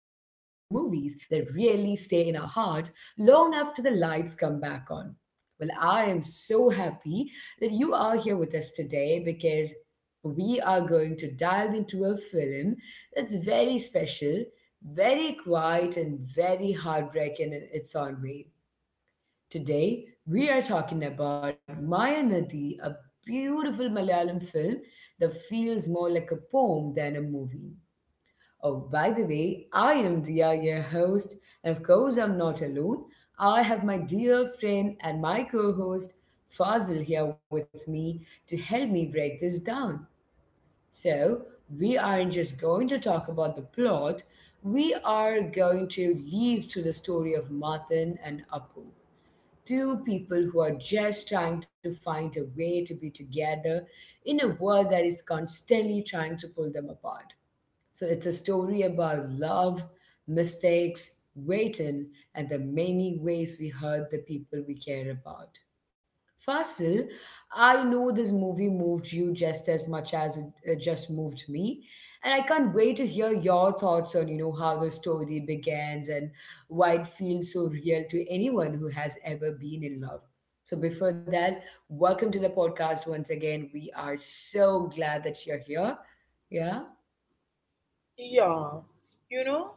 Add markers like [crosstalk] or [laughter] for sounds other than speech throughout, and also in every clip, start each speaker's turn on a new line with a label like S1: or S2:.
S1: stay in our hearts long after the lights come back on. Well, I am so happy that you are here with us today because we are going to dive into a film that's very special, very quiet, and very heartbreaking in its own way. Today, we are talking about Maya Nadi, a beautiful Malayalam film that feels more like a poem than a movie. Oh, by the way, I am Dia, your host, and of course, I'm not alone. I have my dear friend and my co host, Fazil, here with me to help me break this down. So, we aren't just going to talk about the plot, we are going to leave to the story of Matan and Apu, two people who are just trying to find a way to be together in a world that is constantly trying to pull them apart. So it's a story about love, mistakes, waiting, and the many ways we hurt the people we care about. Fasil, I know this movie moved you just as much as it just moved me. And I can't wait to hear your thoughts on how the story begins and why it feels so real to anyone who has ever been in love. So before that, welcome to the podcast once again. We are so glad that you're here. Yeah.
S2: Yeah, you know,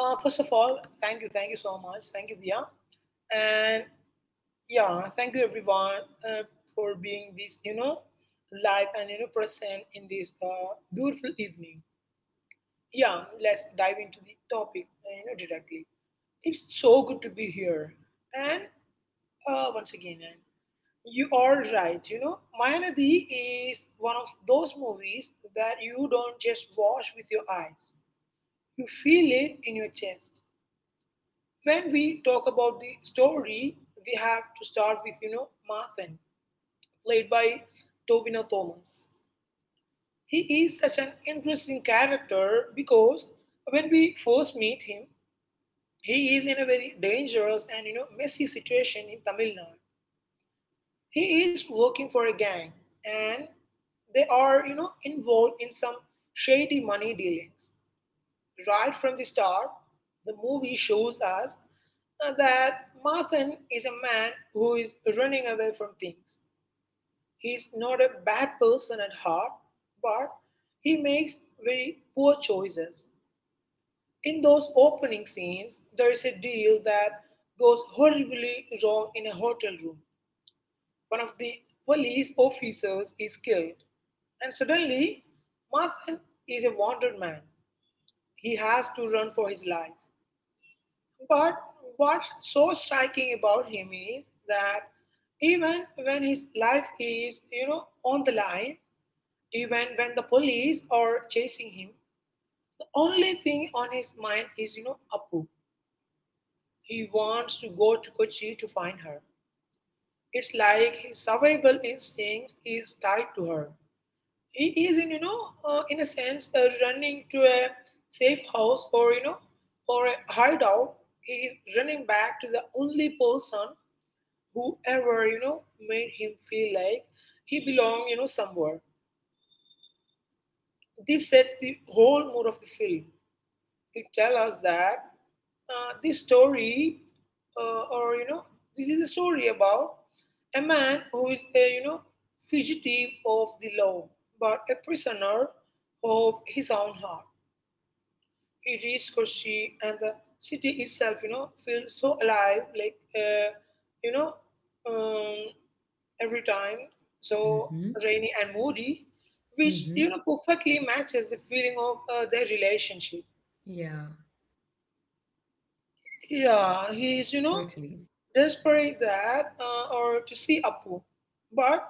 S2: first of all, thank you, so much, thank you, Dia, and yeah, thank you everyone for being this, live and present in this beautiful evening. Yeah, let's dive into the topic, directly. It's so good to be here, and once again, and you are right. You know, Mayanadi is one of those movies that you don't just watch with your eyes; you feel it in your chest. When we talk about the story, we have to start with, Marthen, played by Tovino Thomas. He is such an interesting character because when we first meet him, he is in a very dangerous and, messy situation in Tamil Nadu. He is working for a gang and they are, involved in some shady money dealings. Right from the start, the movie shows us that Marthan is a man who is running away from things. He is not a bad person at heart, but he makes very poor choices. In those opening scenes, there is a deal that goes horribly wrong in a hotel room. One of the police officers is killed, and suddenly Marthan is a wanted man. He has to run for his life. But what's so striking about him is that even when his life is, on the line, even when the police are chasing him, the only thing on his mind is, Apu. He wants to go to Kochi to find her. It's like his survival instinct is tied to her. He is, in a sense, running to a safe house, or a hideout. He is running back to the only person whoever made him feel like he belonged, somewhere. This sets the whole mood of the film. It tells us that, this story, or you know this is a story about a man who is a, fugitive of the law, but a prisoner of his own heart. It is Kochi, and the city itself, feels so alive. Like, you know, um, every time, so
S1: Mm-hmm.
S2: Rainy and moody, which
S1: Mm-hmm.
S2: perfectly matches the feeling of their relationship.
S1: Yeah,
S2: Yeah, he's
S1: totally.
S2: desperate that or to see Apu, but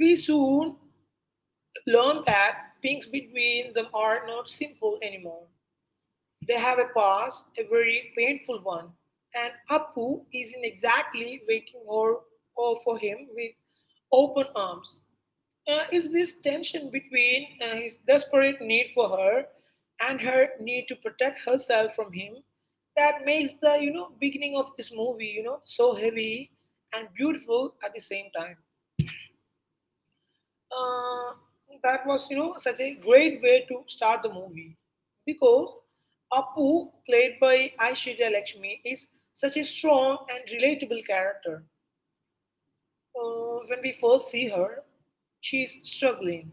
S2: we soon learn that things between them are not simple anymore. They have a past, a very painful one, and Appu isn't exactly waiting her, or for him with open arms. It's this tension between his desperate need for her and her need to protect herself from him that makes the beginning of this movie, so heavy and beautiful at the same time. uh, that was, such a great way to start the movie, because Appu, played by Aishwarya Lakshmi, is such a strong and relatable character. When we first see her, she is struggling.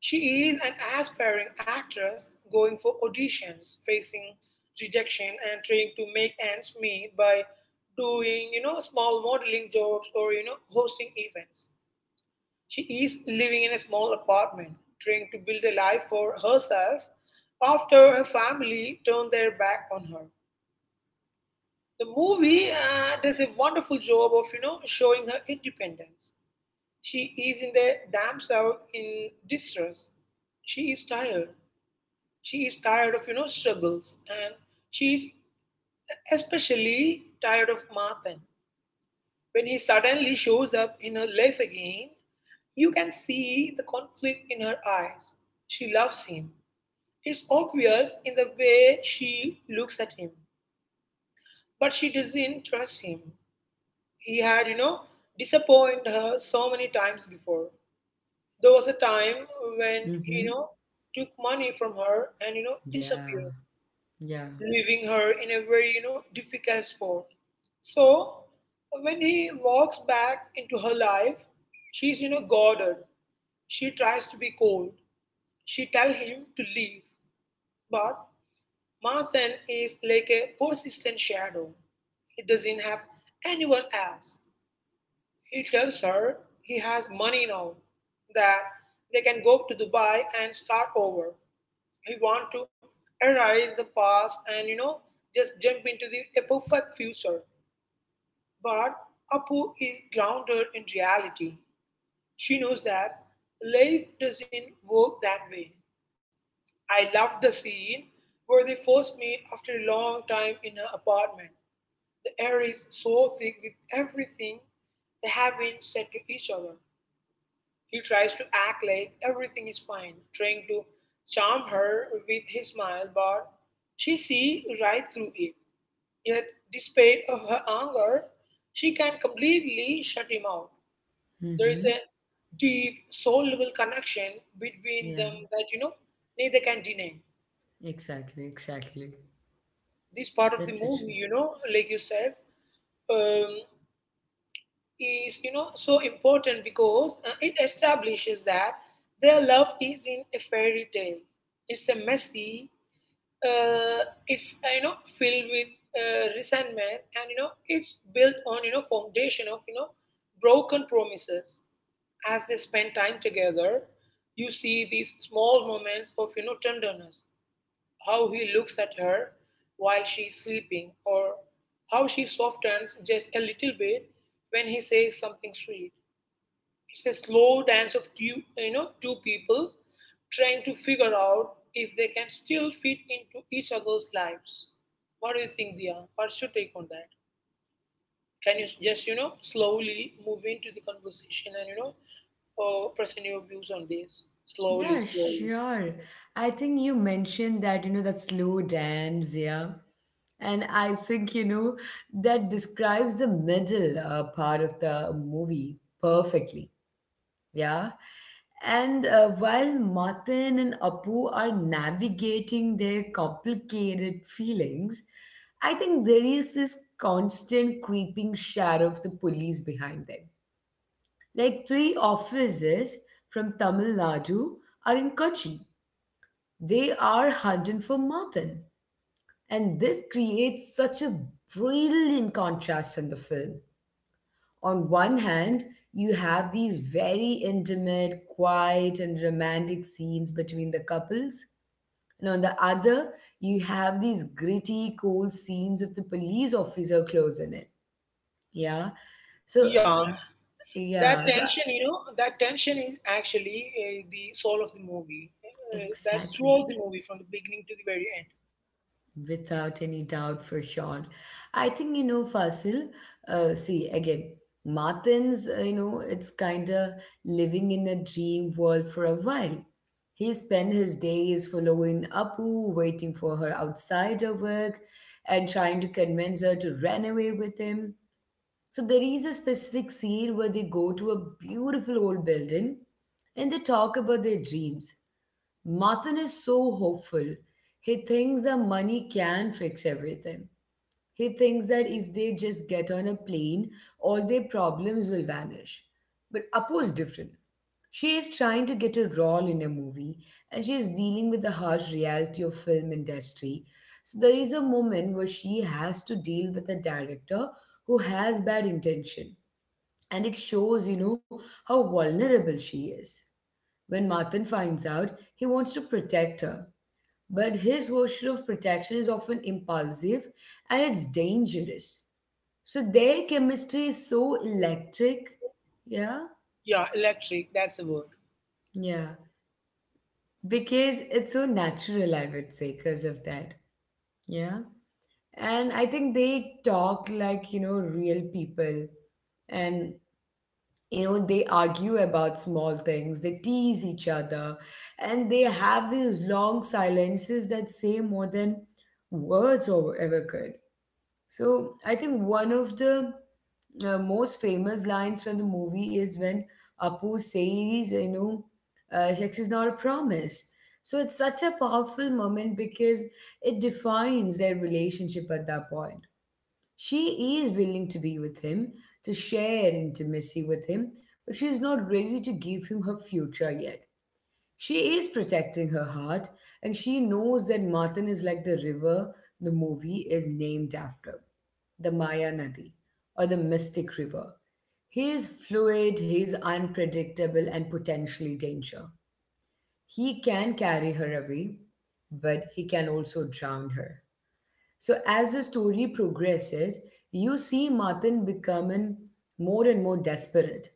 S2: She is an aspiring actress going for auditions, facing rejection, and trying to make ends meet by doing, small modeling jobs, or hosting events. She is living in a small apartment, trying to build a life for herself after her family turned their back on her. The movie, does a wonderful job of, showing her independence. She is in the damn cell in distress. She is tired. She is tired of, struggles, and she is especially tired of Martin. When he suddenly shows up in her life again, you can see the conflict in her eyes. She loves him. It's obvious in the way she looks at him, but she doesn't trust him. He had, disappointed her so many times before. There was a time when,
S1: Mm-hmm.
S2: took money from her and,
S1: Yeah.
S2: disappeared,
S1: Yeah.
S2: leaving her in a very, difficult spot. So when he walks back into her life, she's, guarded. She tries to be cold. She tell him to leave, but Marthan is like a persistent shadow. He doesn't have anyone else. He tells her he has money now, that they can go to Dubai and start over. We want to erase the past and, just jump into the a perfect future. But Apu is grounded in reality. She knows that life doesn't work that way. I love the scene where they first meet after a long time in her apartment. The air is so thick with everything they have been said to each other. He tries to act like everything is fine, trying to charm her with his smile, but she sees right through it. Yet, despite of her anger, she can completely shut him out. There is
S1: Mm-hmm.
S2: a deep soul level connection between
S1: Yeah,
S2: them that neither can deny.
S1: exactly, exactly.
S2: This part of the
S1: That's it.
S2: movie, like you said, um, is, so important because it establishes that their love is in a fairy tale. It's a messy, it's you know filled with resentment, and it's built on, foundation of, broken promises. As they spend time together, you see these small moments of, tenderness, how he looks at her while she's sleeping, or how she softens just a little bit when he says something sweet. It's a slow dance of two people trying to figure out if they can still fit into each other's lives. What do you think, Dia? What's your take on that? Can you just, slowly move into the conversation and, present your views on this? Slowly,
S1: Yeah,
S2: slowly.
S1: sure. I think you mentioned that slow dance, yeah. And I think that describes the middle part of the movie perfectly, yeah. And while Martin and Apu are navigating their complicated feelings, I think there is this constant creeping shadow of the police behind them. Like three offices from Tamil Nadu are in Kochi. They are hunting for mutton. And this creates such a brilliant contrast in the film. On one hand, you have these very intimate, quiet, and romantic scenes between the couples. And on the other, you have these gritty, cold scenes of the police officer closing in. Yeah. So,
S2: Yeah, that
S1: yeah. So,
S2: tension, that tension is actually, the soul of the movie, that's
S1: exactly.
S2: throughout the movie from the beginning to the very end.
S1: Without any doubt, for sure. I think Fasil, see, again, it's kind of living in a dream world for a while. He spent his days following Apu, waiting for her outside her work, and trying to convince her to run away with him. So there is a specific scene where they go to a beautiful old building and they talk about their dreams. Martin is so hopeful. He thinks that money can fix everything. He thinks that if they just get on a plane, all their problems will vanish. But Apu is different. She is trying to get a role in a movie and she is dealing with the harsh reality of film industry. So there is a moment where she has to deal with a director who has bad intention and it shows how vulnerable she is. When Martin finds out, he wants to protect her, but his version of protection is often impulsive and it's dangerous. So their chemistry is so electric. Yeah.
S2: Yeah, electric, that's the word.
S1: Yeah. Because it's so natural, I would say, because of that. Yeah. And I think they talk like real people. And they argue about small things, they tease each other, and they have these long silences that say more than words or ever could. So I think one of the most famous lines from the movie is when Apu says, sex is not a promise. So it's such a powerful moment because it defines their relationship at that point. She is willing to be with him, to share intimacy with him, but she's not ready to give him her future yet. She is protecting her heart, and she knows that Martin is like the river the movie is named after, the Maya Nadi, or the Mystic River. He is fluid, he is unpredictable, and potentially danger. He can carry her away, but he can also drown her. So as the story progresses, you see Martin becoming more and more desperate.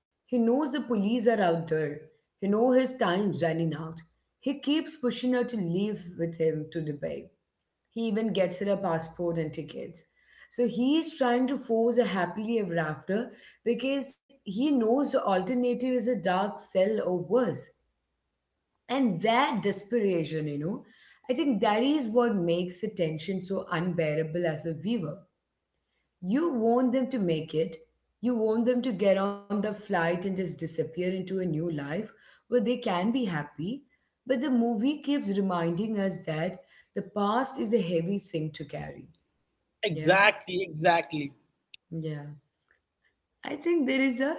S1: He knows the police are out there. He knows his time's running out. He keeps pushing her to leave with him to Dubai. He even gets her a passport and tickets. So he is trying to force a happily ever after because he knows the alternative is a dark cell or worse. And that desperation, I think that is what makes the tension so unbearable as a viewer. You want them to make it, you want them to get on the flight and just disappear into a new life where they can be happy. But the movie keeps reminding us that the past is a heavy thing to carry. Yeah,
S2: Exactly, exactly.
S1: yeah. I think there is a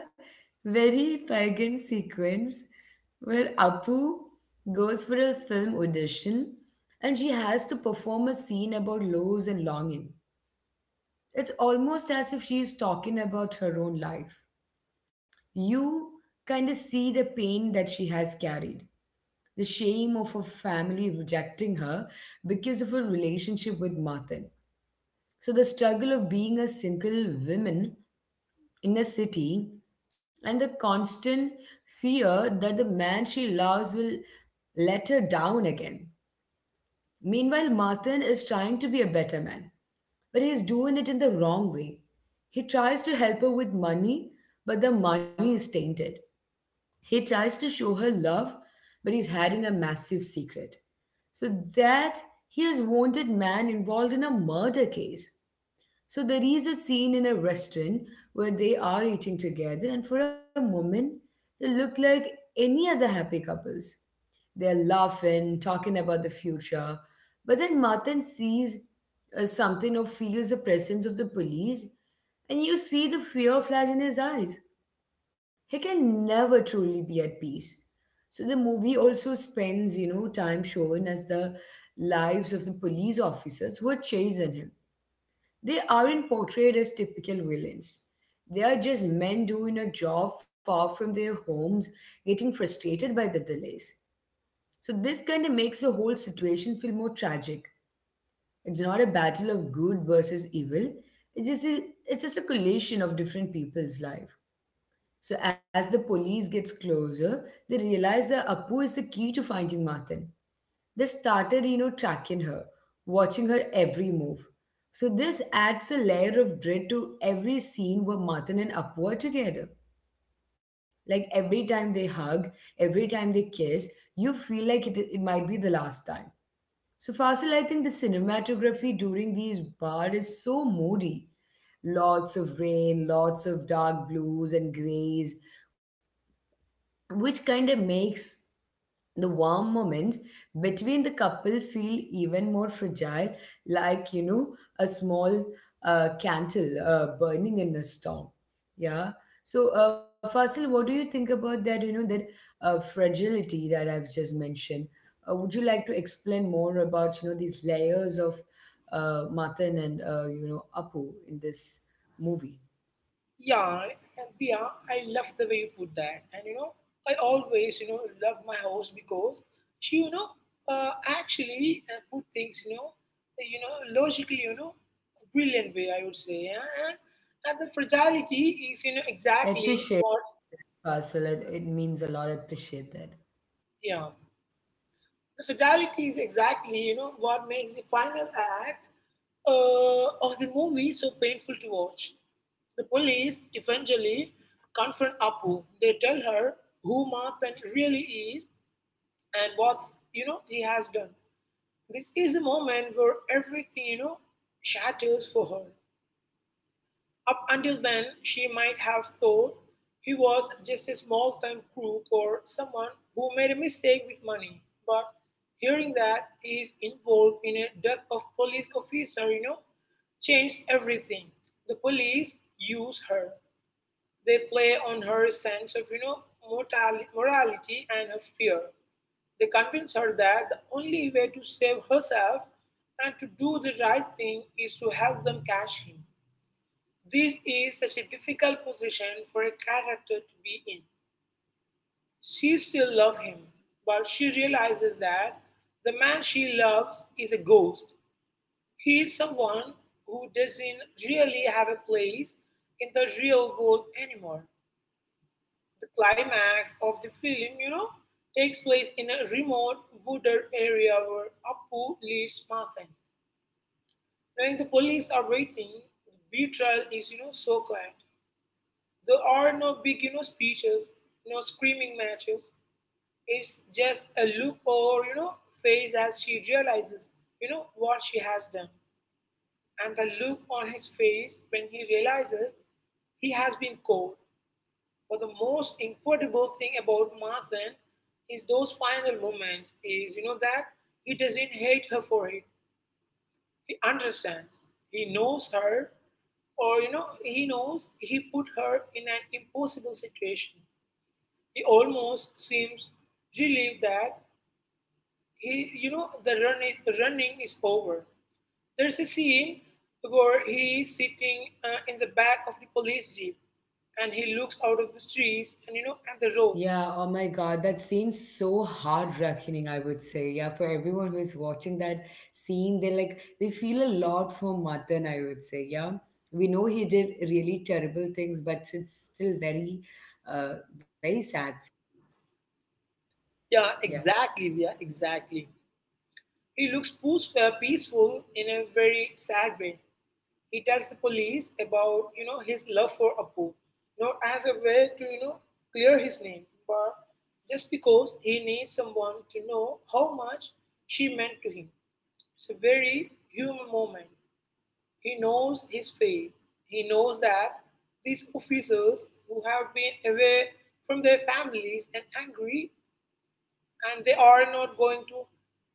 S1: very pagan sequence where Apu goes for a film audition and she has to perform a scene about loss and longing. It's almost as if she is talking about her own life. You kind of see the pain that she has carried, the shame of her family rejecting her because of her relationship with Martin. So, the struggle of being a single woman in a city and the constant fear that the man she loves will let her down again. Meanwhile, Martin is trying to be a better man, but he is doing it in the wrong way. He tries to help her with money, but the money is tainted. He tries to show her love, but he's hiding a massive secret. So that he is wanted man involved in a murder case. So there is a scene in a restaurant where they are eating together, and for a moment, they look like any other happy couples. They are laughing, talking about the future. But then Martin sees something or feels the presence of the police, and you see the fear flash in his eyes. He can never truly be at peace. So the movie also spends time showing us the lives of the police officers who are chasing him. They aren't portrayed as typical villains. They are just men doing a job far from their homes, getting frustrated by the delays. So, this kind of makes the whole situation feel more tragic. It's not a battle of good versus evil, it's just a, it's just a collision of different people's life. So, as the police gets closer, they realize that Apu is the key to finding Martin. They started tracking her, watching her every move. So this adds a layer of dread to every scene where Matan and Apu are together. Like every time they hug, every time they kiss, you feel like it might be the last time. So Fasil, I think the cinematography during these bars is so moody. Lots of rain, lots of dark blues and grays, which kind of makes the warm moments between the couple feel even more fragile, like a small candle burning in a storm. Yeah. So, Faisal, what do you think about that fragility that I've just mentioned? Would you like to explain more about these layers of Matan and Apu in this movie?
S2: Yeah yeah I love the way you put that, and you know I always you know love my host because she, uh, actually put things, logically, brilliant way I would say, yeah? And the fragility is,
S1: I
S2: exactly
S1: appreciate
S2: what.
S1: that, Faisal. It means a lot. I appreciate that.
S2: Yeah. The fragility is exactly, what makes the final act of the movie so painful to watch. The police eventually confront Apu. They tell her who Ma Pen really is and what, he has done. This is the moment where everything, shatters for her. Up until then, she might have thought he was just a small-time crook or someone who made a mistake with money, but hearing that he is involved in a death of police officer, changed everything. The police use her. They play on her sense of, morality and her fear. They convince her that the only way to save herself and to do the right thing is to help them catch him. This is such a difficult position for a character to be in. She still loves him, but she realizes that the man she loves is a ghost. He is someone who doesn't really have a place in the real world anymore. The climax of the film, takes place in a remote wooded area where Appu leads Martha. Knowing the police are waiting, the betrayal is, so quiet. There are no big, speeches, no screaming matches. It's just a look over, face as she realizes, what she has done. And the look on his face when he realizes he has been caught. But the most incredible thing about Martha is those final moments is, that he doesn't hate her for it. He understands. He knows her, or he knows he put her in an impossible situation. He almost seems relieved that he, the running is over. There's a scene where he is sitting, in the back of the police jeep, and he looks out of the trees and, at the road.
S1: Yeah, oh my God, that seems so heart-wrenching, I would say. Yeah, for everyone who is watching that scene, they feel a lot for Matan, I would say. Yeah. We know he did really terrible things, but it's still very sad scene.
S2: Yeah,
S1: Yeah.
S2: exactly. Yeah, exactly. He looks peaceful, peaceful in a very sad way. He tells the police about, his love for Appu, not as a way to, clear his name, but just because he needs someone to know how much she meant to him. It's a very human moment. He knows his fate. He knows that these officers who have been away from their families and angry, and they are not going to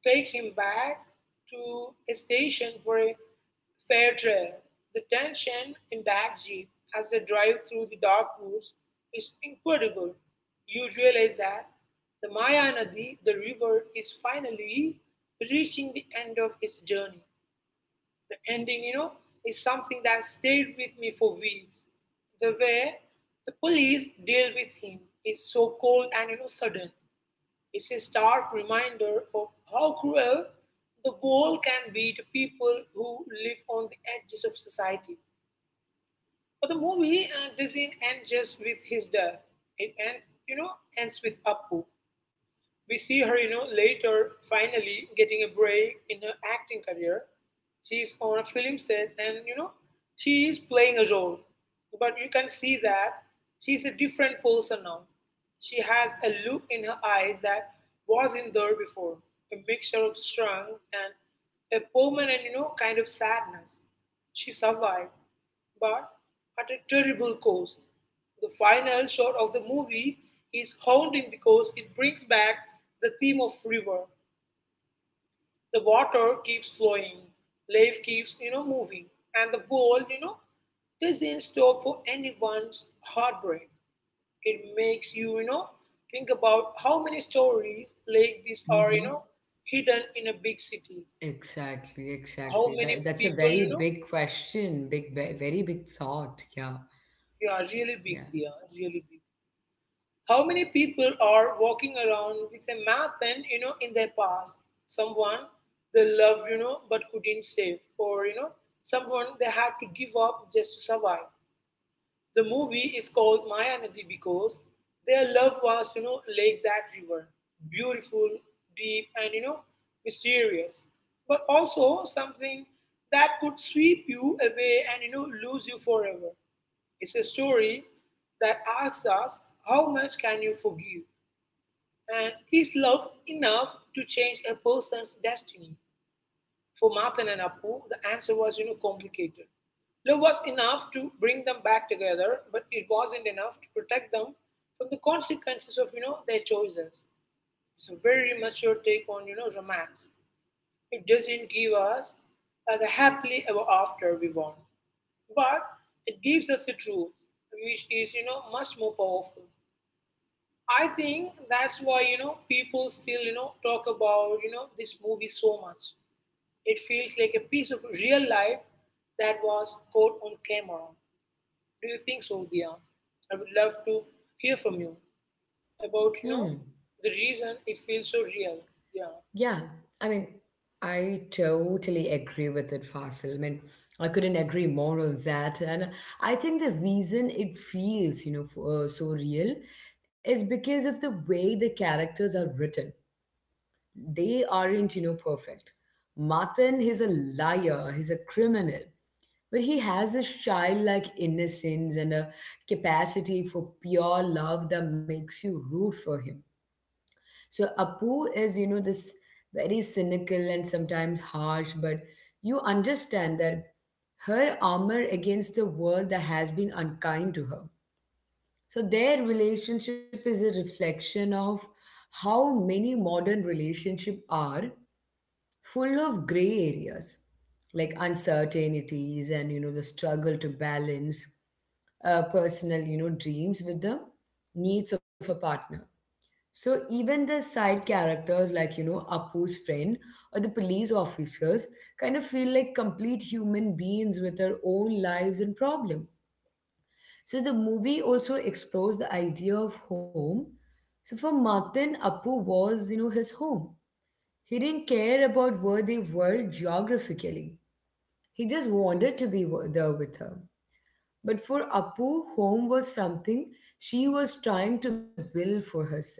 S2: take him back to a station for a fair trial. The tension in that jeep as they drive through the dark woods is incredible. You realize that the Maya Nadi, the river, is finally reaching the end of its journey. The ending, is something that stayed with me for weeks. The way the police deal with him is so cold and, sudden. It's a stark reminder of how cruel the world can be to people who live on the edges of society. But the movie doesn't end just with his death. It end, you know, ends with Appu. We see her later finally getting a break in her acting career. She is on a film set and she is playing a role. But you can see that she is a different person now. She has a look in her eyes that wasn't there before, a mixture of strength and a permanent kind of sadness. She survived, but at a terrible cost. The final shot of the movie is haunting because it brings back the theme of river. The water keeps flowing, life keeps moving, and the world doesn't stop for anyone's heartbreak. It makes you think about how many stories like this are
S1: Mm-hmm.
S2: hidden in a big city.
S1: Exactly,
S2: How
S1: exactly.
S2: many
S1: That's a
S2: people
S1: very big question, big very big thought. Yeah.
S2: you are really big,
S1: Yeah.
S2: they are really big. How many people are walking around with a map pen in their past? Someone they loved but couldn't save, or someone they had to give up just to survive. The movie is called Maya Nadi because their love was like that river, beautiful, deep, and mysterious, but also something that could sweep you away and lose you forever. It's a story that asks us, how much can you forgive, and is love enough to change a person's destiny? For Mathan and Apu, the answer was complicated. Love was enough to bring them back together, but it wasn't enough to protect them from the consequences of their choices. It's a very mature take on romance. It doesn't give us the happily ever after we want, but it gives us the truth, which is much more powerful. I think that's why people still talk about this movie so much. It feels like a piece of real life that was caught on camera. Do you think so, Dia? I would love to hear from you about
S1: Hmm.
S2: the reason it feels so real. Yeah.
S1: Yeah, I mean, I totally agree with it, Fasil. I mean, I couldn't agree more on that. And I think the reason it feels so real is because of the way the characters are written. They aren't perfect. Martin, he's a liar, he's a criminal, but he has this childlike innocence and a capacity for pure love that makes you root for him. So Apu is this very cynical and sometimes harsh, but you understand that her armor against the world that has been unkind to her. So their relationship is a reflection of how many modern relationships are full of gray areas like uncertainties and the struggle to balance personal dreams with the needs of a partner. So even the side characters like Apu's friend or the police officers kind of feel like complete human beings with their own lives and problem. So the movie also explores the idea of home. So for Martin, Apu was his home. He didn't care about where they were geographically. He just wanted to be there with her. But for Apu, home was something she was trying to build for herself.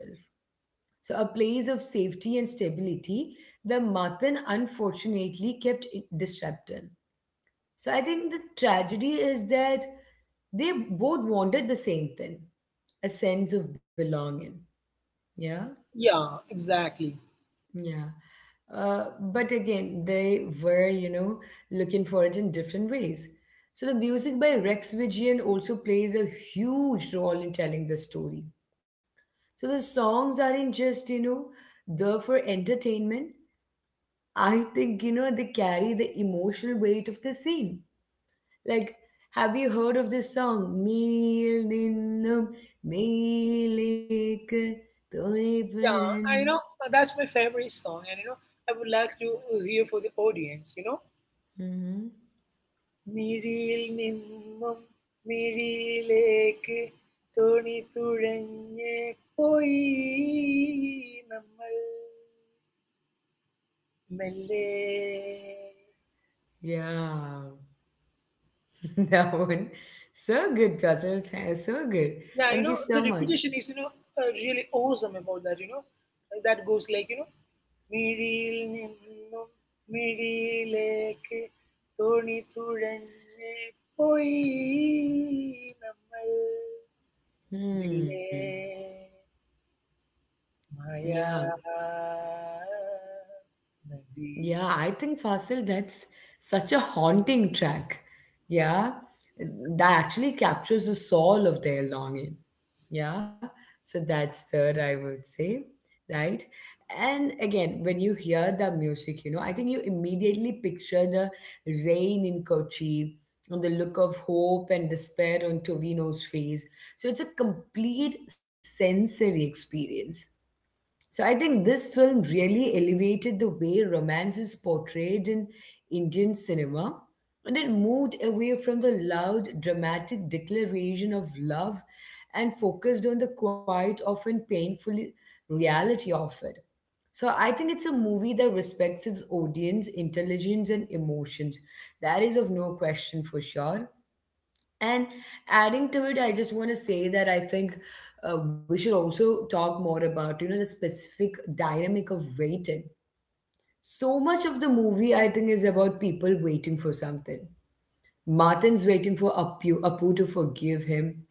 S1: A place of safety and stability, the Matan unfortunately kept it disrupted. So, I think the tragedy is that they both wanted the same thing, a sense of belonging. Yeah,
S2: Yeah, exactly.
S1: yeah. But again, they were, looking for it in different ways. So, the music by Rex Vigian also plays a huge role in telling the story. So, the songs aren't just, there for entertainment. I think, they carry the emotional weight of the scene. Like, have you heard of this song? "Meel Ninnum Meelekku
S2: Yeah, I you
S1: Thonipanan."
S2: know that's my favorite song, and I would like to hear for the audience.
S1: Mhm.
S2: മിഴിയിൽ നിന്നും മിഴിയിലേക്ക് തുണി തുഴഞ്ഞ് പോയി നമ്മൾ മെല്ലെ.
S1: Yeah, [laughs] that one. So good, Russell. So good.
S2: Yeah,
S1: Thank you
S2: the
S1: so much.
S2: repetition is, really awesome about that. That goes like മിഴിയിൽ നിന്നും മിഴിയിലേക്ക് തുണി തുഴഞ്ഞ് പോയി നമ്മൾ മെല്ലെ
S1: Hmm.
S2: Maya
S1: Yeah.
S2: Nadi.
S1: Yeah, I think Fasil, that's such a haunting track. Yeah, that actually captures the soul of their longing. Yeah, so that's third, I would say, right? And again, when you hear the music, I think you immediately picture the rain in Kochi and the look of hope and despair on Tovino's face. So it's a complete sensory experience. So I think this film really elevated the way romance is portrayed in Indian cinema, and it moved away from the loud, dramatic declaration of love and focused on the quiet, often painful reality of it. So I think it's a movie that respects its audience, intelligence, and emotions. That is of no question for sure. And adding to it, I just want to say that I think we should also talk more about, the specific dynamic of waiting. So much of the movie, I think, is about people waiting for something. Martin's waiting for Apu, Apu to forgive him.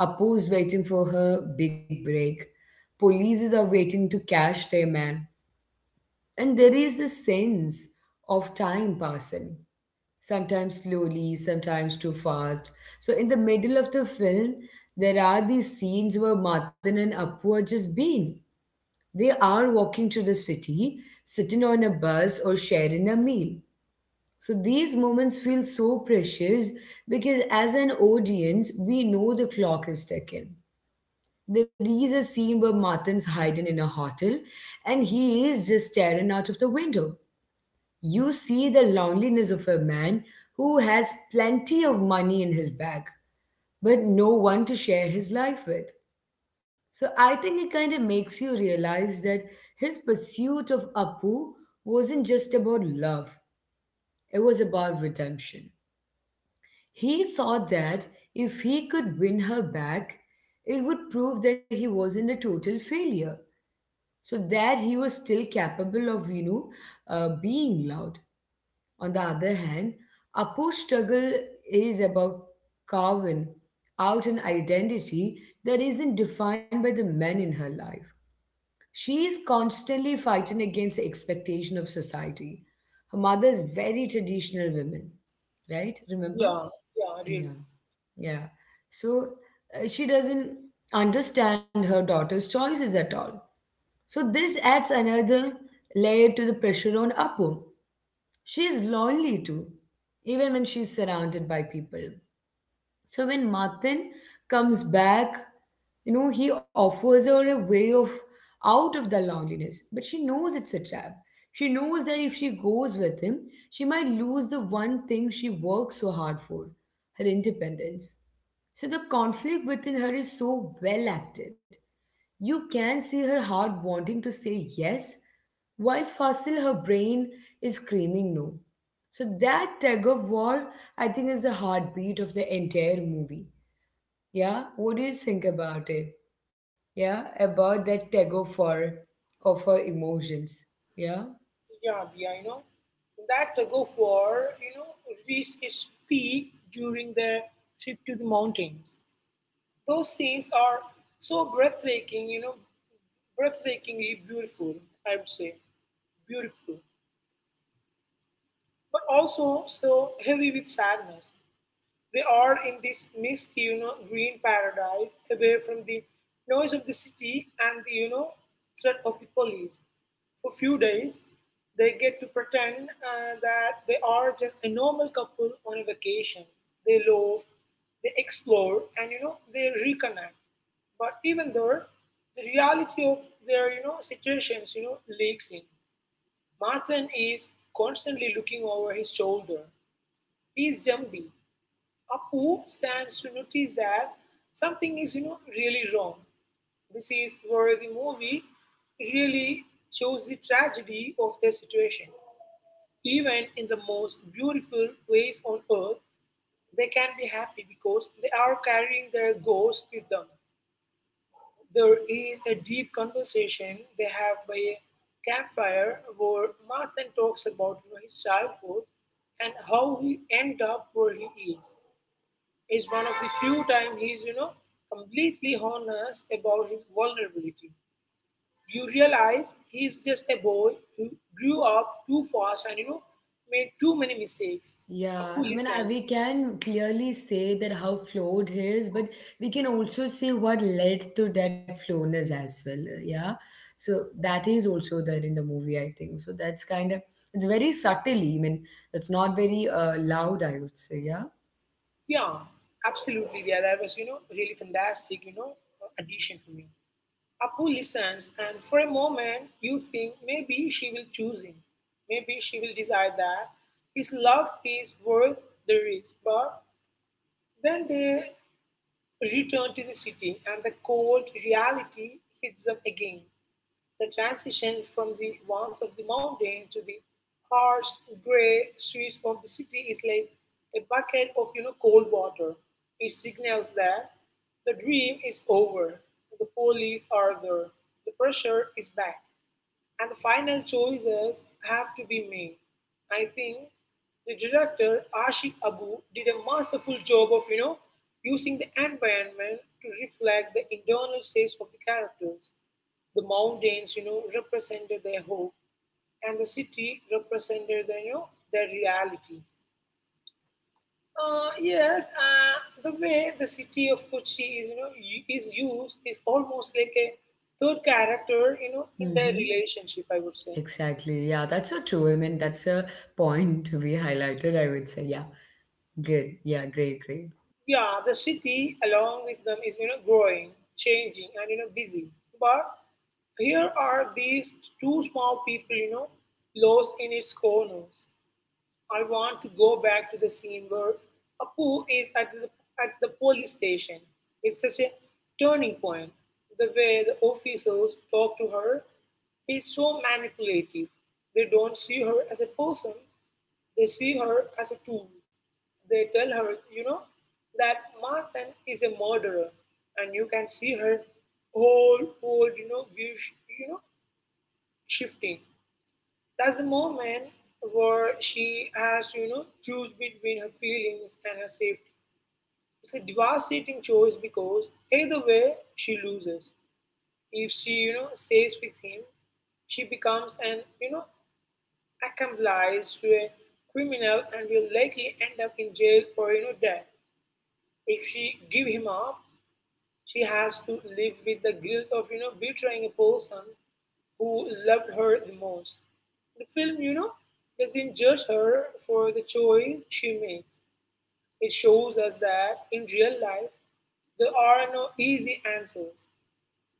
S1: Apu's waiting for her big break. Polices are waiting to catch their man. And there is the sense of time passing, sometimes slowly, sometimes too fast. So in the middle of the film, there are these scenes where Matan and Appu are just being. They are walking to the city, sitting on a bus, or sharing a meal. So these moments feel so precious because as an audience, we know the clock is ticking. There is a scene where Matan's hiding in a hotel and he is just staring out of the window. You see the loneliness of a man who has plenty of money in his bag, but no one to share his life with. So I think it kind of makes you realize that his pursuit of Apu wasn't just about love, it was about redemption. He thought that if he could win her back, it would prove that he wasn't a total failure. So that he was still capable of, being loved. On the other hand, Apu's struggle is about carving out an identity that isn't defined by the men in her life. She is constantly fighting against the expectation of society. Her mother is very traditional woman, right?
S2: Yeah,
S1: Remember?
S2: yeah, really.
S1: Yeah. Yeah. So she doesn't understand her daughter's choices at all. So this adds another layer to the pressure on Apu. She is lonely too, even when she's surrounded by people. So when Martin comes back, he offers her a way of out of the loneliness, but she knows it's a trap. She knows that if she goes with him, she might lose the one thing she worked so hard for, her independence. So the conflict within her is so well acted. You can see her heart wanting to say yes, while fossil her brain is screaming no. So that tug of war, I think, is the heartbeat of the entire movie. Yeah, what do you think about it? Yeah, about that tug of war of our emotions. Yeah.
S2: Yeah, yeah. That tug of war reached its peak during their trip to the mountains. Those scenes are so breathtaking breathtakingly beautiful, I would say. Beautiful. But also so heavy with sadness. They are in this mist green paradise, away from the noise of the city and the threat of the police. For few days, they get to pretend that they are just a normal couple on a vacation. They love, they explore, and they reconnect. But even though the reality of their situations leaks in. Martin is constantly looking over his shoulder. He's jumpy. Apu stands to notice that something is really wrong. This is where the movie really shows the tragedy of the situation. Even in the most beautiful place on earth, they can be happy because they are carrying their ghosts with them. There is a deep conversation they have by a campfire where Martin talks about his childhood, and how he ended up where he is one of the few times he's completely honest about his vulnerability. You realize he's just a boy who grew up too fast and made too many mistakes. A
S1: Yeah, I
S2: poorly
S1: mean, we
S2: sense.
S1: can clearly say that how flawed he is, but we can also see what led to that flawness as well. Yeah, so that is also there in the movie, I think. So that's kind of it's very subtly. I mean, it's not very loud, I would say. Yeah.
S2: Yeah, absolutely. Yeah, that was really fantastic addition for me. Apu listens, and for a moment you think maybe she will choose him. Maybe she will decide that his love is worth the risk. But then they return to the city, and the cold reality hits them again. The transition from the warmth of the mountain to the harsh, grey streets of the city is like a bucket of cold water. It signals that the dream is over. The police are there. The pressure is back, and the final choices have to be made. I think the director Ashif Abu did a masterful job of using the environment to reflect the internal states of the characters. The mountains represented their hope, and the city represented their reality. Yes, the way the city of Kochi is, you know, u- is used is almost like a third character in their
S1: Mm-hmm.
S2: relationship, I would say.
S1: Exactly. Yeah, that's so true. I mean, that's a point to be highlighted, I would say. Yeah. Good. Yeah, great, great.
S2: Yeah, the city along with them is growing, changing, and busy. But here are these two small people lost in its corners. I want to go back to the scene where Apu is at the police station. It's such a turning point. The way the officers talk to her is so manipulative. They don't see her as a person. They see her as a tool. They tell her that Martha is a murderer, and you can see her whole view, you know, shifting. That's the moment where she has choose between her feelings and her safety. It's a devastating choice because either way she loses. If she stays with him, she becomes an accomplice to a criminal and will likely end up in jail or death. If she give him up, she has to live with the guilt of betraying a person who loved her the most. The film doesn't judge her for the choice she makes. It shows us that in real life there are no easy answers.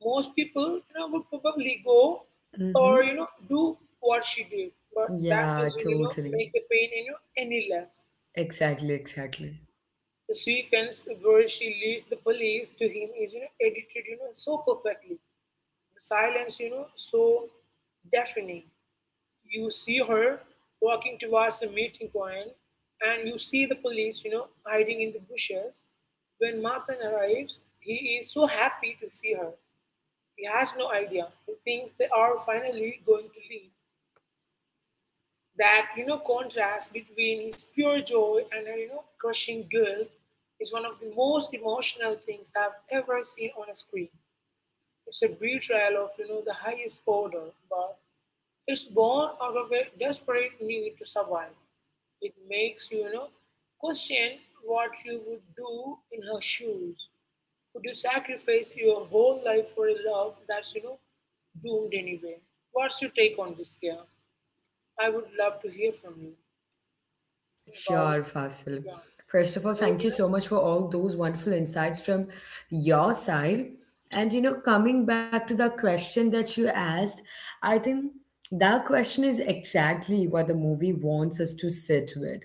S2: Most people would probably go
S1: Mm-hmm.
S2: or do what she did, but that
S1: Yeah,
S2: doesn't
S1: totally.
S2: make the pain any less.
S1: Exactly, exactly.
S2: The sequence where she leads the police to him is edited so perfectly. The silence so deafening. You see her walking towards the meeting point, and you see the police hiding in the bushes. When Martha arrives, he is so happy to see her. He has no idea. He thinks they are finally going to leave. That contrast between his pure joy and her crushing guilt is one of the most emotional things I've ever seen on a screen. It's a betrayal of the highest order, but it's born out of a desperate need to survive. It makes you you know question what you would do in her shoes. Would you sacrifice your whole life for a love that's doomed anyway? What's your take on this, Kia? I would love to hear from you
S1: Sure,
S2: about,
S1: Fasil.
S2: yeah,
S1: First of all,
S2: about
S1: thank you so much for all those wonderful insights from your side. And you know, coming back to the question that you asked, I think that question is exactly what the movie wants us to sit with.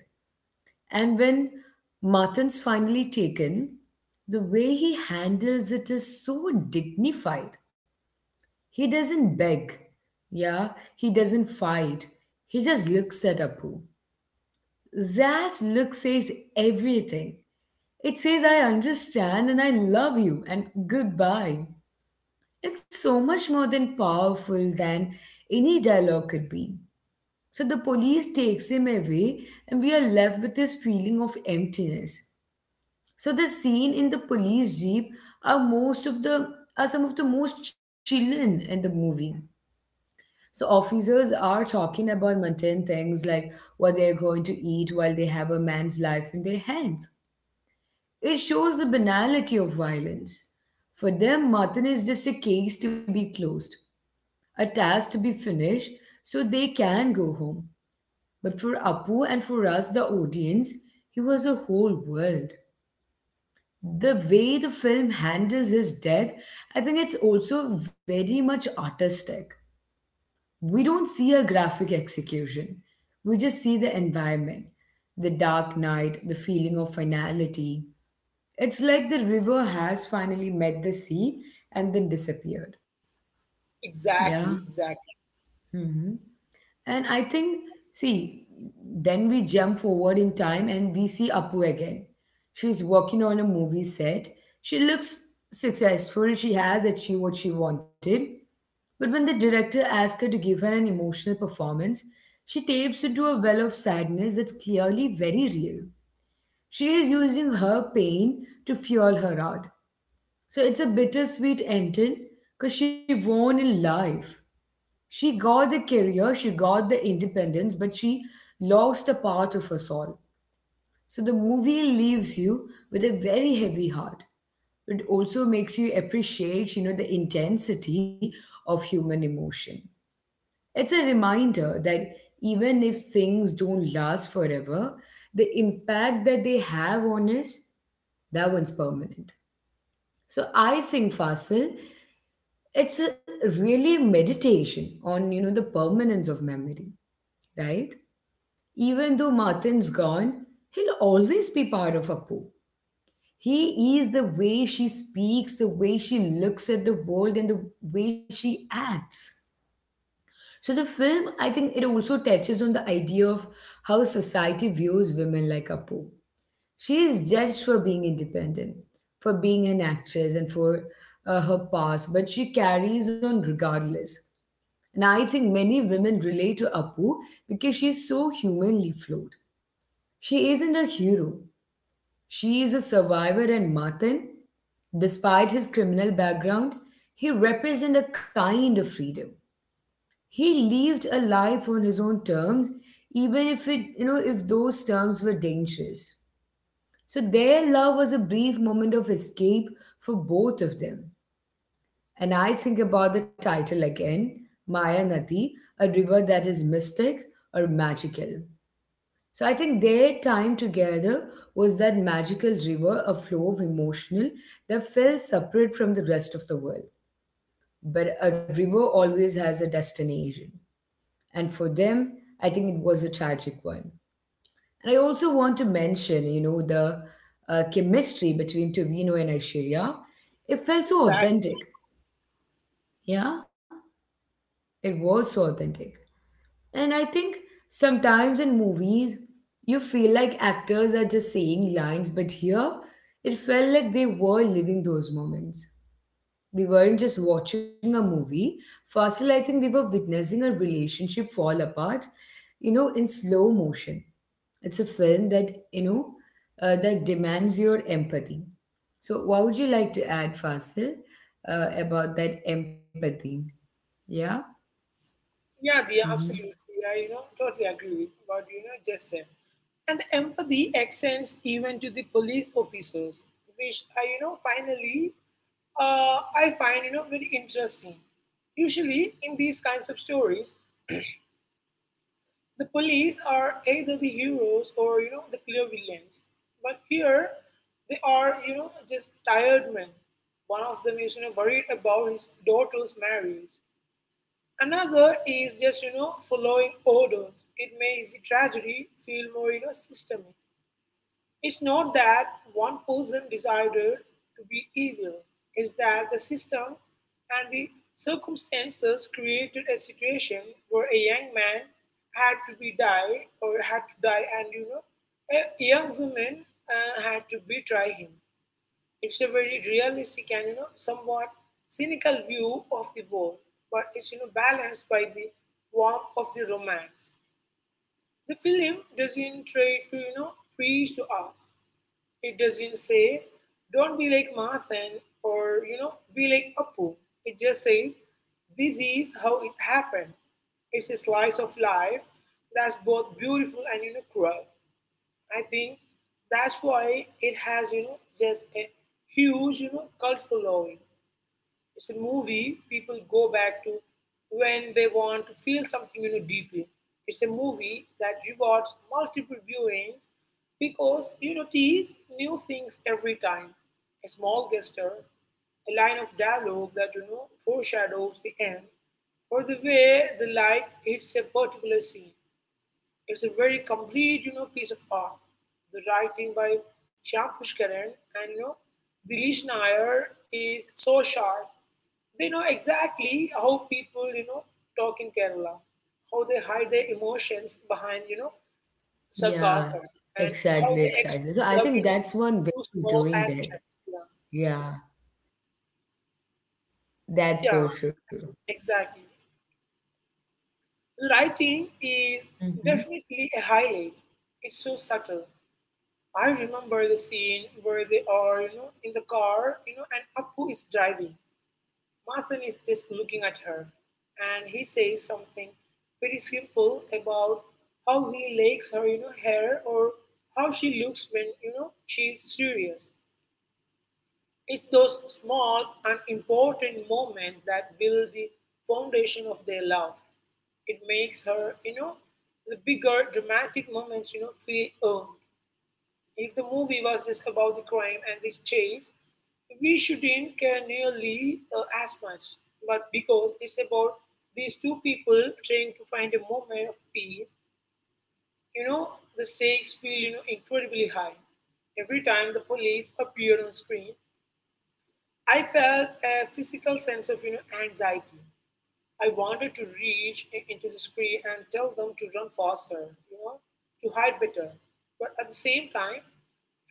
S1: And when Martin's finally taken, the way he handles it is so dignified. He doesn't beg. Yeah, he doesn't fight. He just looks at Apu. That look says everything. It says, I understand and I love you and goodbye. It's so much more than powerful than any dialogue could be. So the police takes him away and we are left with this feeling of emptiness. So the scene in the police jeep are most of the are some of the most chilling in the movie. So officers are talking about mundane things like what they are going to eat while they have a man's life in their hands. It shows the banality of violence. For them, Martin is just a case to be closed, a task to be finished, so they can go home. But for Apu and for us, the audience, he was a whole world. The way the film handles his death, I think it's also very much artistic. We don't see a graphic execution, we just see the environment, the dark night, the feeling of finality. It's like the river has finally met the sea and then disappeared. Yeah.
S2: exactly, exactly,
S1: Mhm. And I think, see, then we jump forward in time and we see Apu again. She's working on a movie set. She looks successful. She has achieved what she wanted. But when the director asks her to give her an emotional performance, she tapes into a well of sadness that's clearly very real. She is using her pain to fuel her art. So it's a bittersweet ending because she won in life. She got the career, she got the independence, but she lost a part of her soul. So the movie leaves you with a very heavy heart. It also makes you appreciate, the intensity of human emotion. It's a reminder that even if things don't last forever, the impact that they have on us, that one's permanent. So I think Fasil, it's a really meditation on, the permanence of memory, right? Even though Martin's gone, he'll always be part of Apu. He is the way she speaks, the way she looks at the world, and the way she acts. So the film, I think it also touches on the idea of how society views women like Apu. She is judged for being independent, for being an actress, and for her past, but she carries on regardless. And I think many women relate to Apu because she's so humanly flawed. She isn't a hero. She is a survivor, and Martin, despite his criminal background, he represents a kind of freedom. He lived a life on his own terms, even if it, you know, if those terms were dangerous. So their love was a brief moment of escape for both of them. And I think about the title again, Maya Nadi, a river that is mystic or magical. So I think their time together was that magical river, a flow of emotional that felt separate from the rest of the world. But a river always has a destination. And for them, I think it was a tragic one. And I also want to mention, the chemistry between Tovino and Aishwarya. It felt so
S2: exactly.
S1: authentic. Yeah, it was so authentic. And I think sometimes in movies, you feel like actors are just saying lines, but here it felt like they were living those moments. We weren't just watching a movie. Fasil, I think we were witnessing a relationship fall apart, in slow motion. It's a film that, that demands your empathy. So, what would you like to add, Fasil, about that empathy? Yeah?
S2: Yeah, Dia,
S1: Mm-hmm.
S2: absolutely. I totally agree with what just said. And the empathy extends even to the police officers, which I finally, I find very interesting. Usually, in these kinds of stories, the police are either the heroes or the clear villains. But here they are just tired men. One of them is worried about his daughter's marriage. Another is just following orders. It makes the tragedy feel more systemic. It's not that one person decided to be evil, it's that the system and the circumstances created a situation where a young man had to die and a young woman had to betray him. It's a very realistic and somewhat cynical view of the world, but it's balanced by the warmth of the romance. The film doesn't try to preach to us. It doesn't say, don't be like Marthan or be like Appu. It just says, this is how it happened. It's a slice of life that's both beautiful and cruel. I think that's why it has just a huge cult following. It's a movie people go back to when they want to feel something deeply. It's a movie that rewards multiple viewings because you notice new things every time. A small gesture, a line of dialogue that foreshadows the end, or the way the light hits a particular scene. It's a very complete piece of art. The writing by Shyam Pushkaran and Dilish Nair is so sharp. They know exactly how people, talk in Kerala, how they hide their emotions behind,
S1: Yeah,
S2: sarcasm, and how
S1: exactly,
S2: they express
S1: exactly. So I
S2: love,
S1: think that's one way
S2: through
S1: of
S2: small
S1: doing that.
S2: actions. Yeah,
S1: Yeah, that's
S2: yeah,
S1: so true.
S2: exactly. Writing is
S1: Hmm.
S2: definitely a highlight. It's so subtle. I remember the scene where they are, in the car, and Appu is driving. Martin is just looking at her, and he says something very simple about how he likes her, hair, or how she looks when, she's serious. It's those small and important moments that build the foundation of their love. It makes her, the bigger dramatic moments, feel earned. If the movie was just about the crime and the chase, we shouldn't care nearly as much. But because it's about these two people trying to find a moment of peace, you know, the stakes feel incredibly high. Every time the police appear on screen, I felt a physical sense of anxiety. I wanted to reach into the screen and tell them to run faster, you know, to hide better. But at the same time,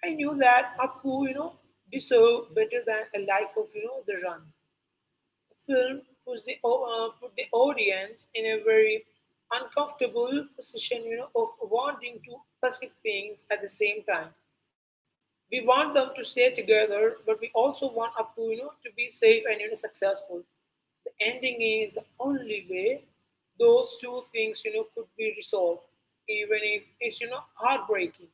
S2: I knew that Apu, deserved better than a life of, the run. The film puts put the audience in a very uncomfortable position, of wanting to pursue things at the same time. We want them to stay together, but we also want Apu, to be safe and, successful ending is the only way those two things, could be resolved, even if it's heartbreaking.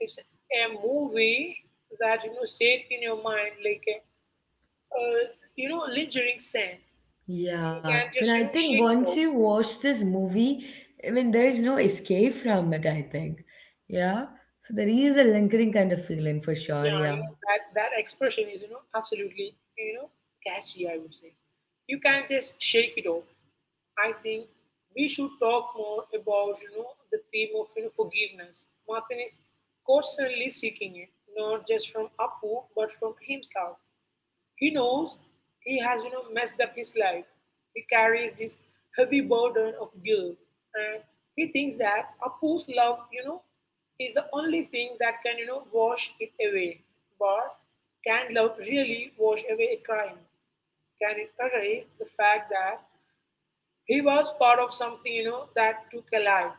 S2: It's a movie that stayed in your mind like a, uh, lingering scent. You
S1: Yeah,
S2: can
S1: but
S2: just
S1: I think
S2: shake it
S1: once
S2: off.
S1: you watch this movie, I mean, there is no escape from it, I think. Yeah, so there is a lingering kind of feeling for sure.
S2: Yeah,
S1: Yeah.
S2: that expression is absolutely you know catchy. I would say you can just shake it off. I think we should talk more about the theme of forgiveness. Martin is constantly seeking it, not just from Apu but from himself. He knows he has messed up his life. He carries this heavy burden of guilt, and he thinks that Apu's love is the only thing that can wash it away. But can love really wash away a crime? Can it erase the fact that he was part of something, that took a life?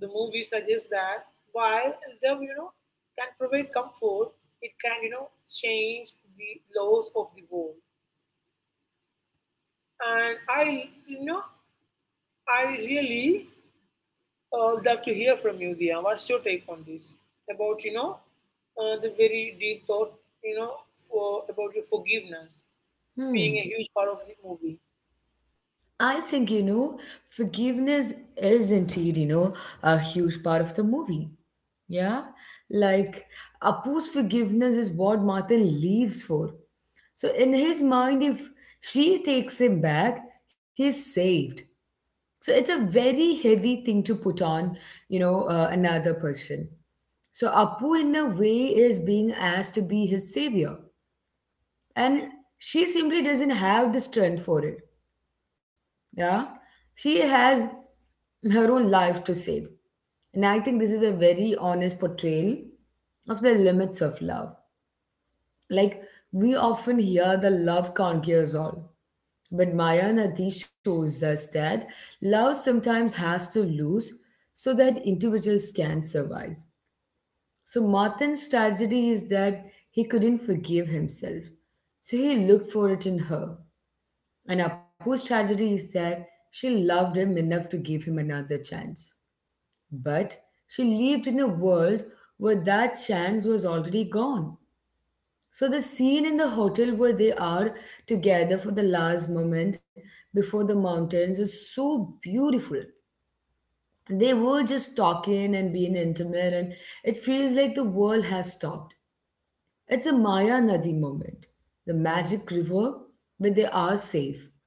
S2: The movie suggests that while love, can provide comfort, it can, change the laws of the world. And I really love to hear from you, Dia. What's your take on this? About, the very deep thought, you know, for, about your forgiveness being
S1: Hmm.
S2: a huge part of the movie.
S1: I think, forgiveness is indeed, a huge part of the movie. Yeah. Like, Apu's forgiveness is what Martin leaves for. So in his mind, if she takes him back, he's saved. So it's a very heavy thing to put on, another person. So Apu, in a way, is being asked to be his savior, and she simply doesn't have the strength for it. Yeah, she has her own life to save, and I think this is a very honest portrayal of the limits of love. Like we often hear, the love conquers all. But Mayanati shows us that love sometimes has to lose so that individuals can survive. So Martin's tragedy is that he couldn't forgive himself. So he looked for it in her. And Apu's tragedy is that she loved him enough to give him another chance. But she lived in a world where that chance was already gone. So the scene in the hotel where they are together for the last moment before the mountains is so beautiful. They were just talking and being intimate, and it feels like the world has stopped. It's a Maya Nadi moment, the magic river where they are safe.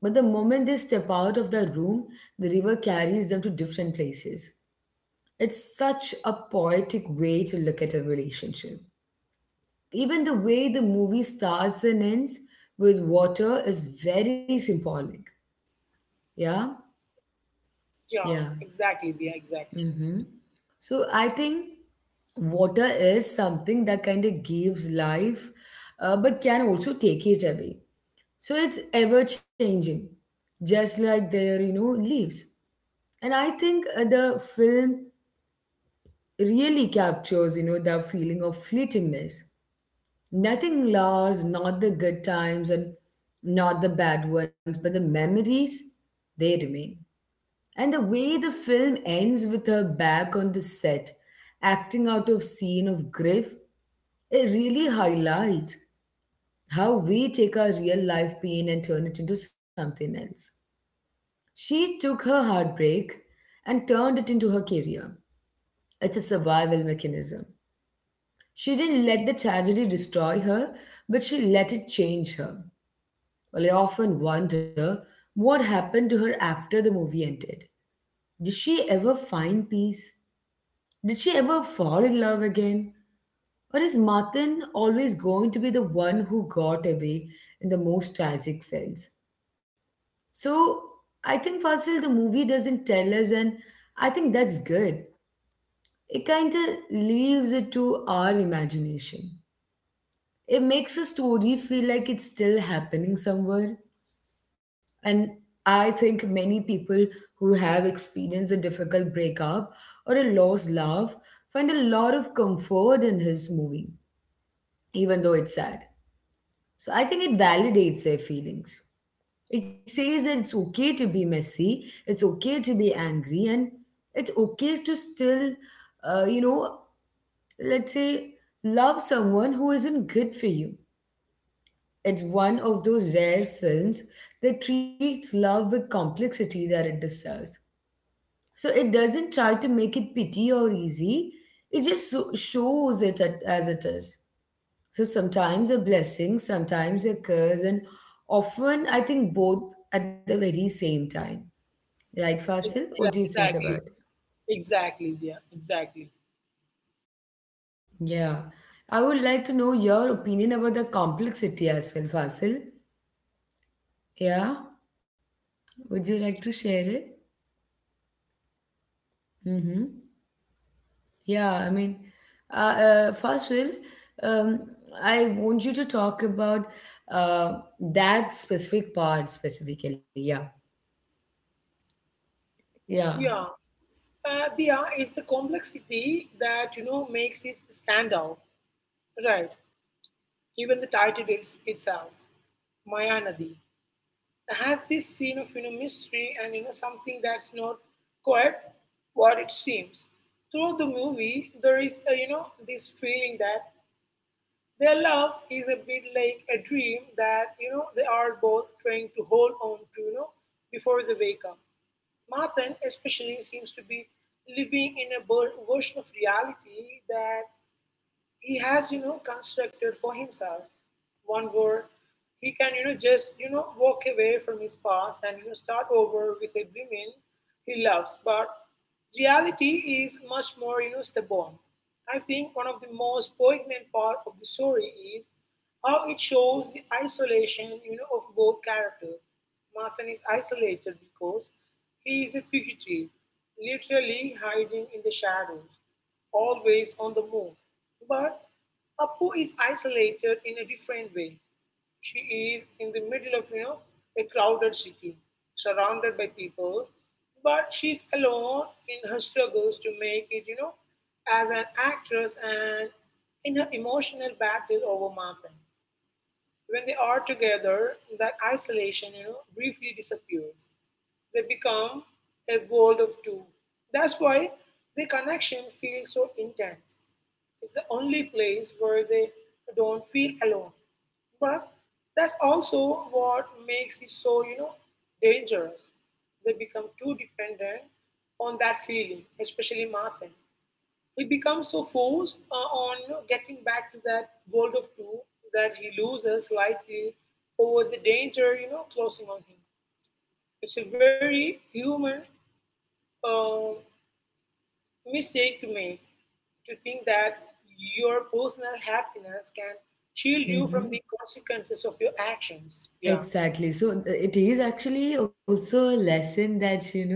S1: But the moment they step out of the room, the river carries them to different places. It's such a poetic way to look at a relationship. Even the way the movie starts and ends with water is very symbolic. Yeah,
S2: Yeah,
S1: yeah.
S2: exactly, Dia, exactly.
S1: Mm-hmm. So I think water is something that kind of gives life, but can also take it away. So it's ever changing, just like their, you know, leaves. And I think the film really captures, you know, the feeling of fleetingness. Nothing lasts, not the good times and not the bad ones, but the memories, they remain. And the way the film ends with her back on the set, acting out of scene of grief, it really highlights how we take our real life pain and turn it into something else. She took her heartbreak and turned it into her career. It's a survival mechanism. She didn't let the tragedy destroy her, but she let it change her. Well, I often wonder what happened to her after the movie ended. Did she ever find peace? Did she ever fall in love again? Or is Martin always going to be the one who got away in the most tragic sense? So I think Fasil, the movie doesn't tell us, and I think that's good. It kind of leaves it to our imagination. It makes a story feel like it's still happening somewhere. And I think many people who have experienced a difficult breakup or a lost love find a lot of comfort in his movie, even though it's sad. So I think it validates their feelings. It says that it's okay to be messy, it's okay to be angry, and it's okay to still, you know, let's say, love someone who isn't good for you. It's one of those rare films that treats love with complexity that it deserves. So it doesn't try to make it pity or easy. Shows it as it is. So sometimes a blessing, sometimes a curse, and often I think both at the very same time. Right, Fasil? What do
S2: Exactly,
S1: you think
S2: exactly.
S1: about it?
S2: Exactly, yeah, exactly.
S1: Yeah. I would like to know your opinion about the complexity as well, Fasil. Yeah. Would you like to share it? Mm-hmm. Yeah, I mean, Fasil, um, I want you to talk about uh, that specific part specifically. Yeah, yeah.
S2: Yeah, Diya, is the complexity that makes it stand out, right? Even the title it's, itself, Maya Nadi, has this scene of mystery and something that's not quite what it seems. Throughout the movie, there is a, this feeling that their love is a bit like a dream that they are both trying to hold on to, before they wake up. Mathan especially seems to be living in a version of reality that he has constructed for himself, one where he can you know just you know walk away from his past and start over with a woman he loves, but reality is much more stubborn. I think one of the most poignant part of the story is how it shows the isolation of both characters. Martin is isolated because he is a fugitive, literally hiding in the shadows, always on the move. But Apu is isolated in a different way. She is in the middle of, a crowded city, surrounded by people, but she's alone in her struggles to make it, as an actress, and in her emotional battle over Martha. When they are together, that isolation, briefly disappears. They become a world of two. That's why their connection feels so intense. It's the only place where they don't feel alone. But that's also what makes it so, dangerous. They become too dependent on that feeling, especially Martin. He becomes so forced on getting back to that world of two that he loses slightly over the danger, closing on him. It's a very human uh, mistake to make, to think that your personal happiness can shield you from
S1: Hmm.
S2: the consequences of your actions. Yeah,
S1: Exactly. So it is actually also a lesson that you know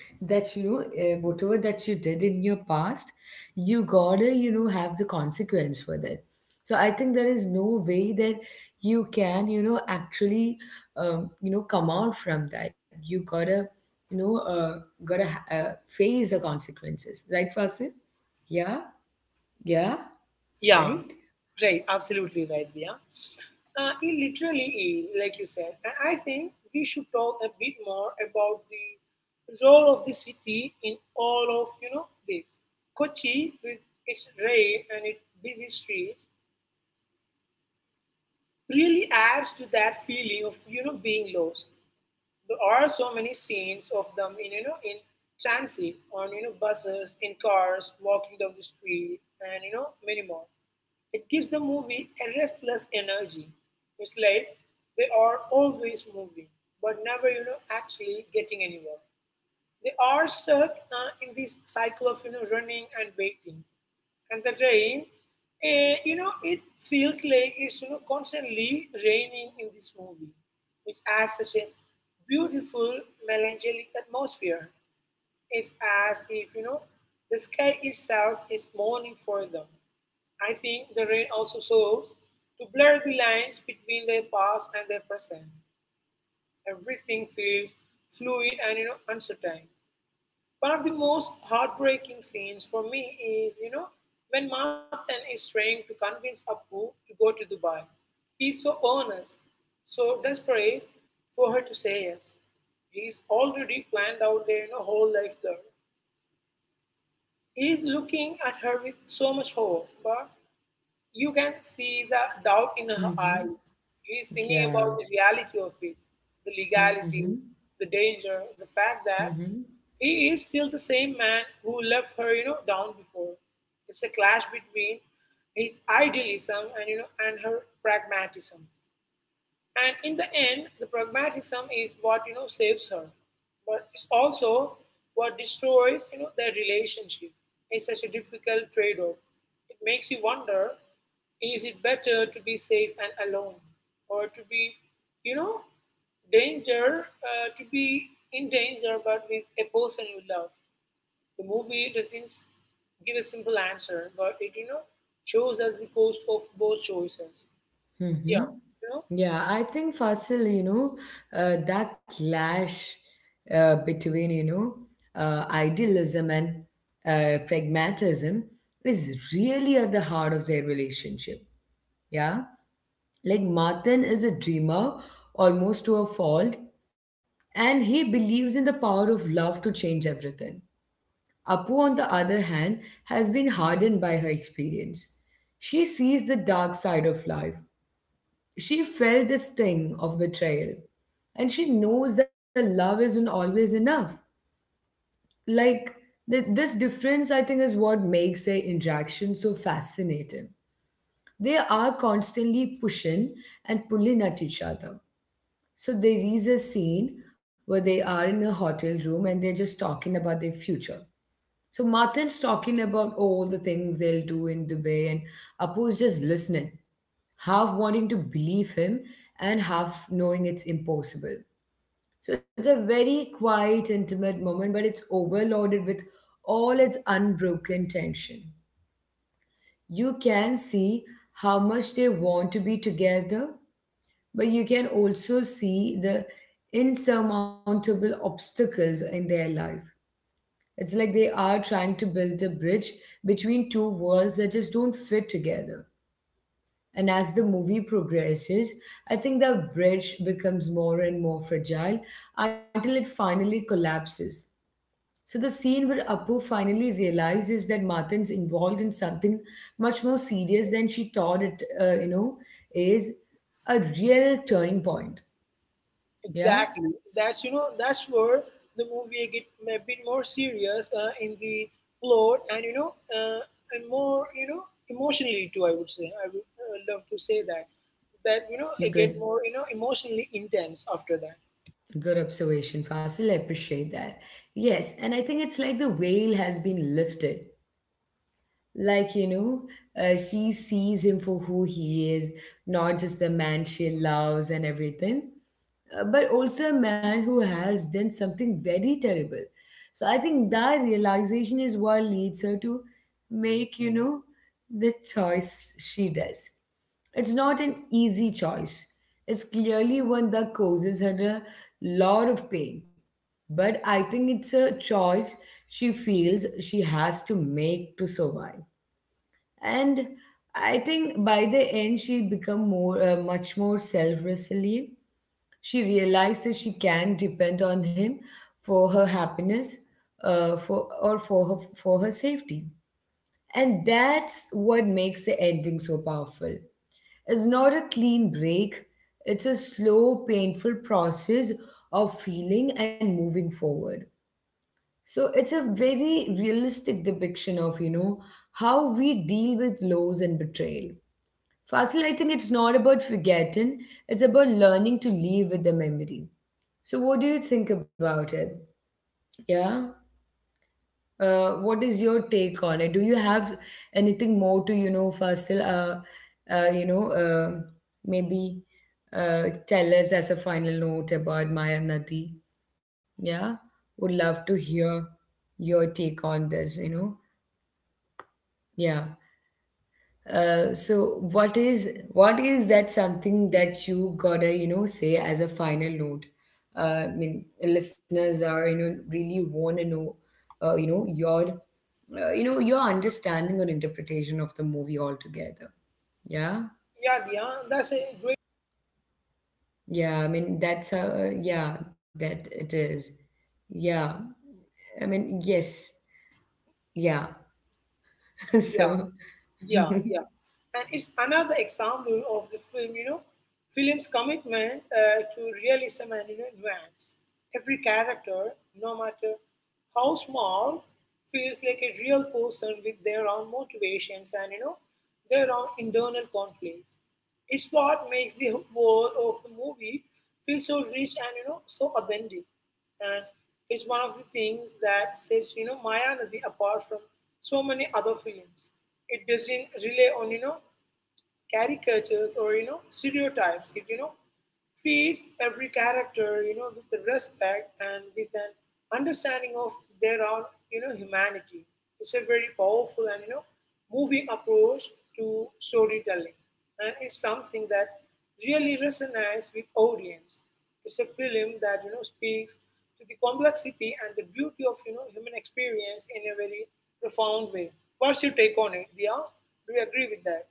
S1: that you know whatever that you did in your past, you gotta you know have the consequence for that. So I think there is no way that you can you know actually you know come out from that. You gotta you know face the consequences, right, Fasil? Yeah, yeah,
S2: yeah,
S1: right.
S2: right, absolutely right, yeah. It literally is, like you said. And I think we should talk a bit more about the role of the city in all of this. Kochi, with its rain and its busy streets, really adds to that feeling of being lost. There are so many scenes of them in, transit, on buses, in cars, walking down the street, and many more. It gives the movie a restless energy. It's like they are always moving, but never actually getting anywhere. They are stuck in this cycle of running and waiting. And the rain, it feels like it's constantly raining in this movie, which adds such a beautiful, melancholic atmosphere. It's as if the sky itself is mourning for them. I think the rain also serves to blur the lines between their past and their present. Everything feels fluid and uncertain. One of the most heartbreaking scenes for me is, when Martin is trying to convince Appu to go to Dubai. He's so earnest, so desperate for her to say yes. He's already planned out their, whole life there. He's looking at her with so much hope, but you can see the doubt in her
S1: Mm-hmm.
S2: eyes. She's thinking about
S1: Yeah.
S2: the reality of it, the
S1: Mm-hmm.
S2: legality, the danger, the fact that
S1: Mm-hmm.
S2: he is still the same man who left her, down before. It's a clash between his idealism and you know and her pragmatism. And in the end, the pragmatism is what saves her, but it's also what destroys their relationship. It's such a difficult trade-off. It makes you wonder: is it better to be safe and alone, or to be, you know, danger to be in danger but with a person you love? The movie doesn't give a simple answer, but it shows us the cost of both choices.
S1: Mm-hmm.
S2: Yeah, you know,
S1: Yeah, I think Fasil, you know, that clash between, you know, idealism and pragmatism is really at the heart of their relationship. Yeah. Like Martin is a dreamer almost to a fault, and he believes in the power of love to change everything. Apu, on the other hand, has been hardened by her experience. She sees the dark side of life. She felt the sting of betrayal. And she knows that love isn't always enough. Like, this difference, I think, is what makes their interaction so fascinating. They are constantly pushing and pulling at each other. So, there is a scene where they are in a hotel room and they're just talking about their future. So Martin's talking about all the things they'll do in Dubai, and Apu's just listening, half wanting to believe him and half knowing it's impossible. So it's a very quiet, intimate moment, but it's overloaded with all its unbroken tension. You can see how much they want to be together, but you can also see the insurmountable obstacles in their life. It's like they are trying to build a bridge between two worlds that just don't fit together. And as the movie progresses, I think the bridge becomes more and more fragile until it finally collapses. So the scene where Apu finally realizes that Martin's involved in something much more serious than she thought it, you know, is a real turning point. Yeah,
S2: exactly. That's that's where the movie get a bit more serious in the plot, and and more emotionally too. I would say, I would love to say that that it get
S1: good.
S2: more emotionally intense after that.
S1: Good observation, Fasil. I appreciate that. Yes, and I think it's like the veil has been lifted. Like, you know, she sees him for who he is, not just the man she loves and everything, but also a man who has done something very terrible. So I think that realization is what leads her to make, you know, the choice she does. It's not an easy choice. It's clearly one that causes her a lot of pain. But I think it's a choice she feels she has to make to survive. And I think by the end she become more much more self-resilient. She realized that she can depend on him for her happiness, for her, for her safety. And that's what makes the ending so powerful. It's not a clean break, it's a slow painful process of feeling and moving forward. So it's a very realistic depiction of, you know, how we deal with loss and betrayal. Fasil, I think it's not about forgetting, it's about learning to live with the memory. So, what do you think about it? Yeah. What is your take on it? Do you have anything more to, you know, Fasil, you know, maybe tell us as a final note about Maya Nadi? Yeah. Would love to hear your take on this, you know? Yeah. So what is that something that you gotta you know say as a final note? I mean, listeners are you know really want to know, uh, you know your, you know your understanding or interpretation of the movie altogether. Yeah,
S2: Yeah, yeah, that's a great.
S1: yeah. I mean that's yeah that it is. Yeah, I mean yes, yeah. [laughs]
S2: Yeah,
S1: so.
S2: yeah,
S1: [laughs]
S2: yeah. And it's another example of the film, film's commitment to realism and, nuance. Every character, no matter how small, feels like a real person with their own motivations and, their own internal conflicts. It's what makes the whole of the movie feel so rich and so authentic. And it's one of the things that sets Mayanadi apart from so many other films. It doesn't rely on caricatures or stereotypes. It treats every character with respect and with an understanding of their own, humanity. It's a very powerful and moving approach to storytelling, and it's something that really resonates with audience. It's a film that speaks to the complexity and the beauty of human experience in a very profound way. What's your take on it, Dia? Do you agree with that?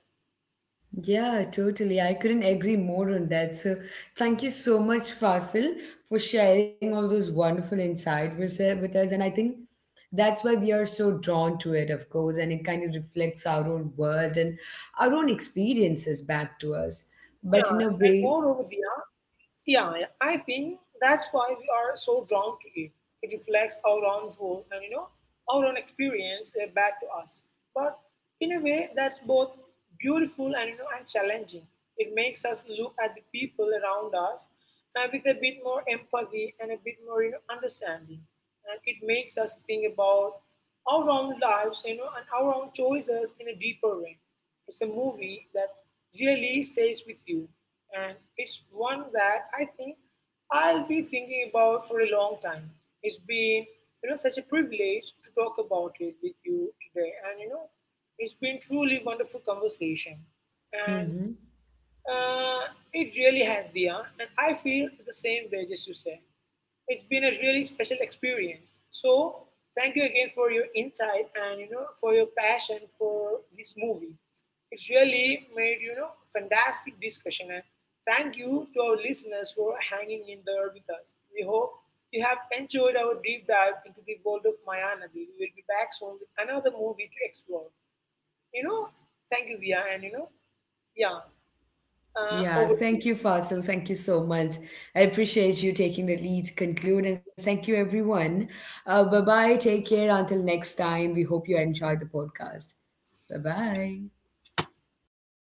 S1: Yeah, totally. I couldn't agree more on that. So, thank you so much, Fasil, for sharing all those wonderful insights with us. And I think that's why we are so drawn to it, of course. And it kind of reflects our own world and our own experiences back to us.
S2: Yeah, and
S1: But in a
S2: moreover, Diya,
S1: way,
S2: yeah, yeah, I think that's why we are so drawn to it. It reflects our own world and our own experience back to us, but in a way that's both beautiful and and challenging. It makes us look at the people around us with a bit more empathy and a bit more understanding, and it makes us think about our own lives, and our own choices in a deeper way. It's a movie that really stays with you, and it's one that I think I'll be thinking about for a long time. It's been, such a privilege to talk about it with you today, and it's been truly wonderful conversation. And
S1: Mhm.
S2: uh, it really has, Dia, and I feel the same way, just you said. It's been a really special experience. So thank you again for your insight and for your passion for this movie. It's really made fantastic discussion, and thank you to our listeners for hanging in there with us. We hope you have enjoyed our deep dive into the world of Mayanadi. We will be back soon with another movie to explore. You know, thank you, Via, and yeah,
S1: Yeah,
S2: over to you.
S1: thank you, Fasil. Thank you so much. I appreciate you taking the lead to conclude, and thank you, everyone. Bye bye. Take care. Until next time, we hope you enjoyed the podcast. Bye bye.
S2: All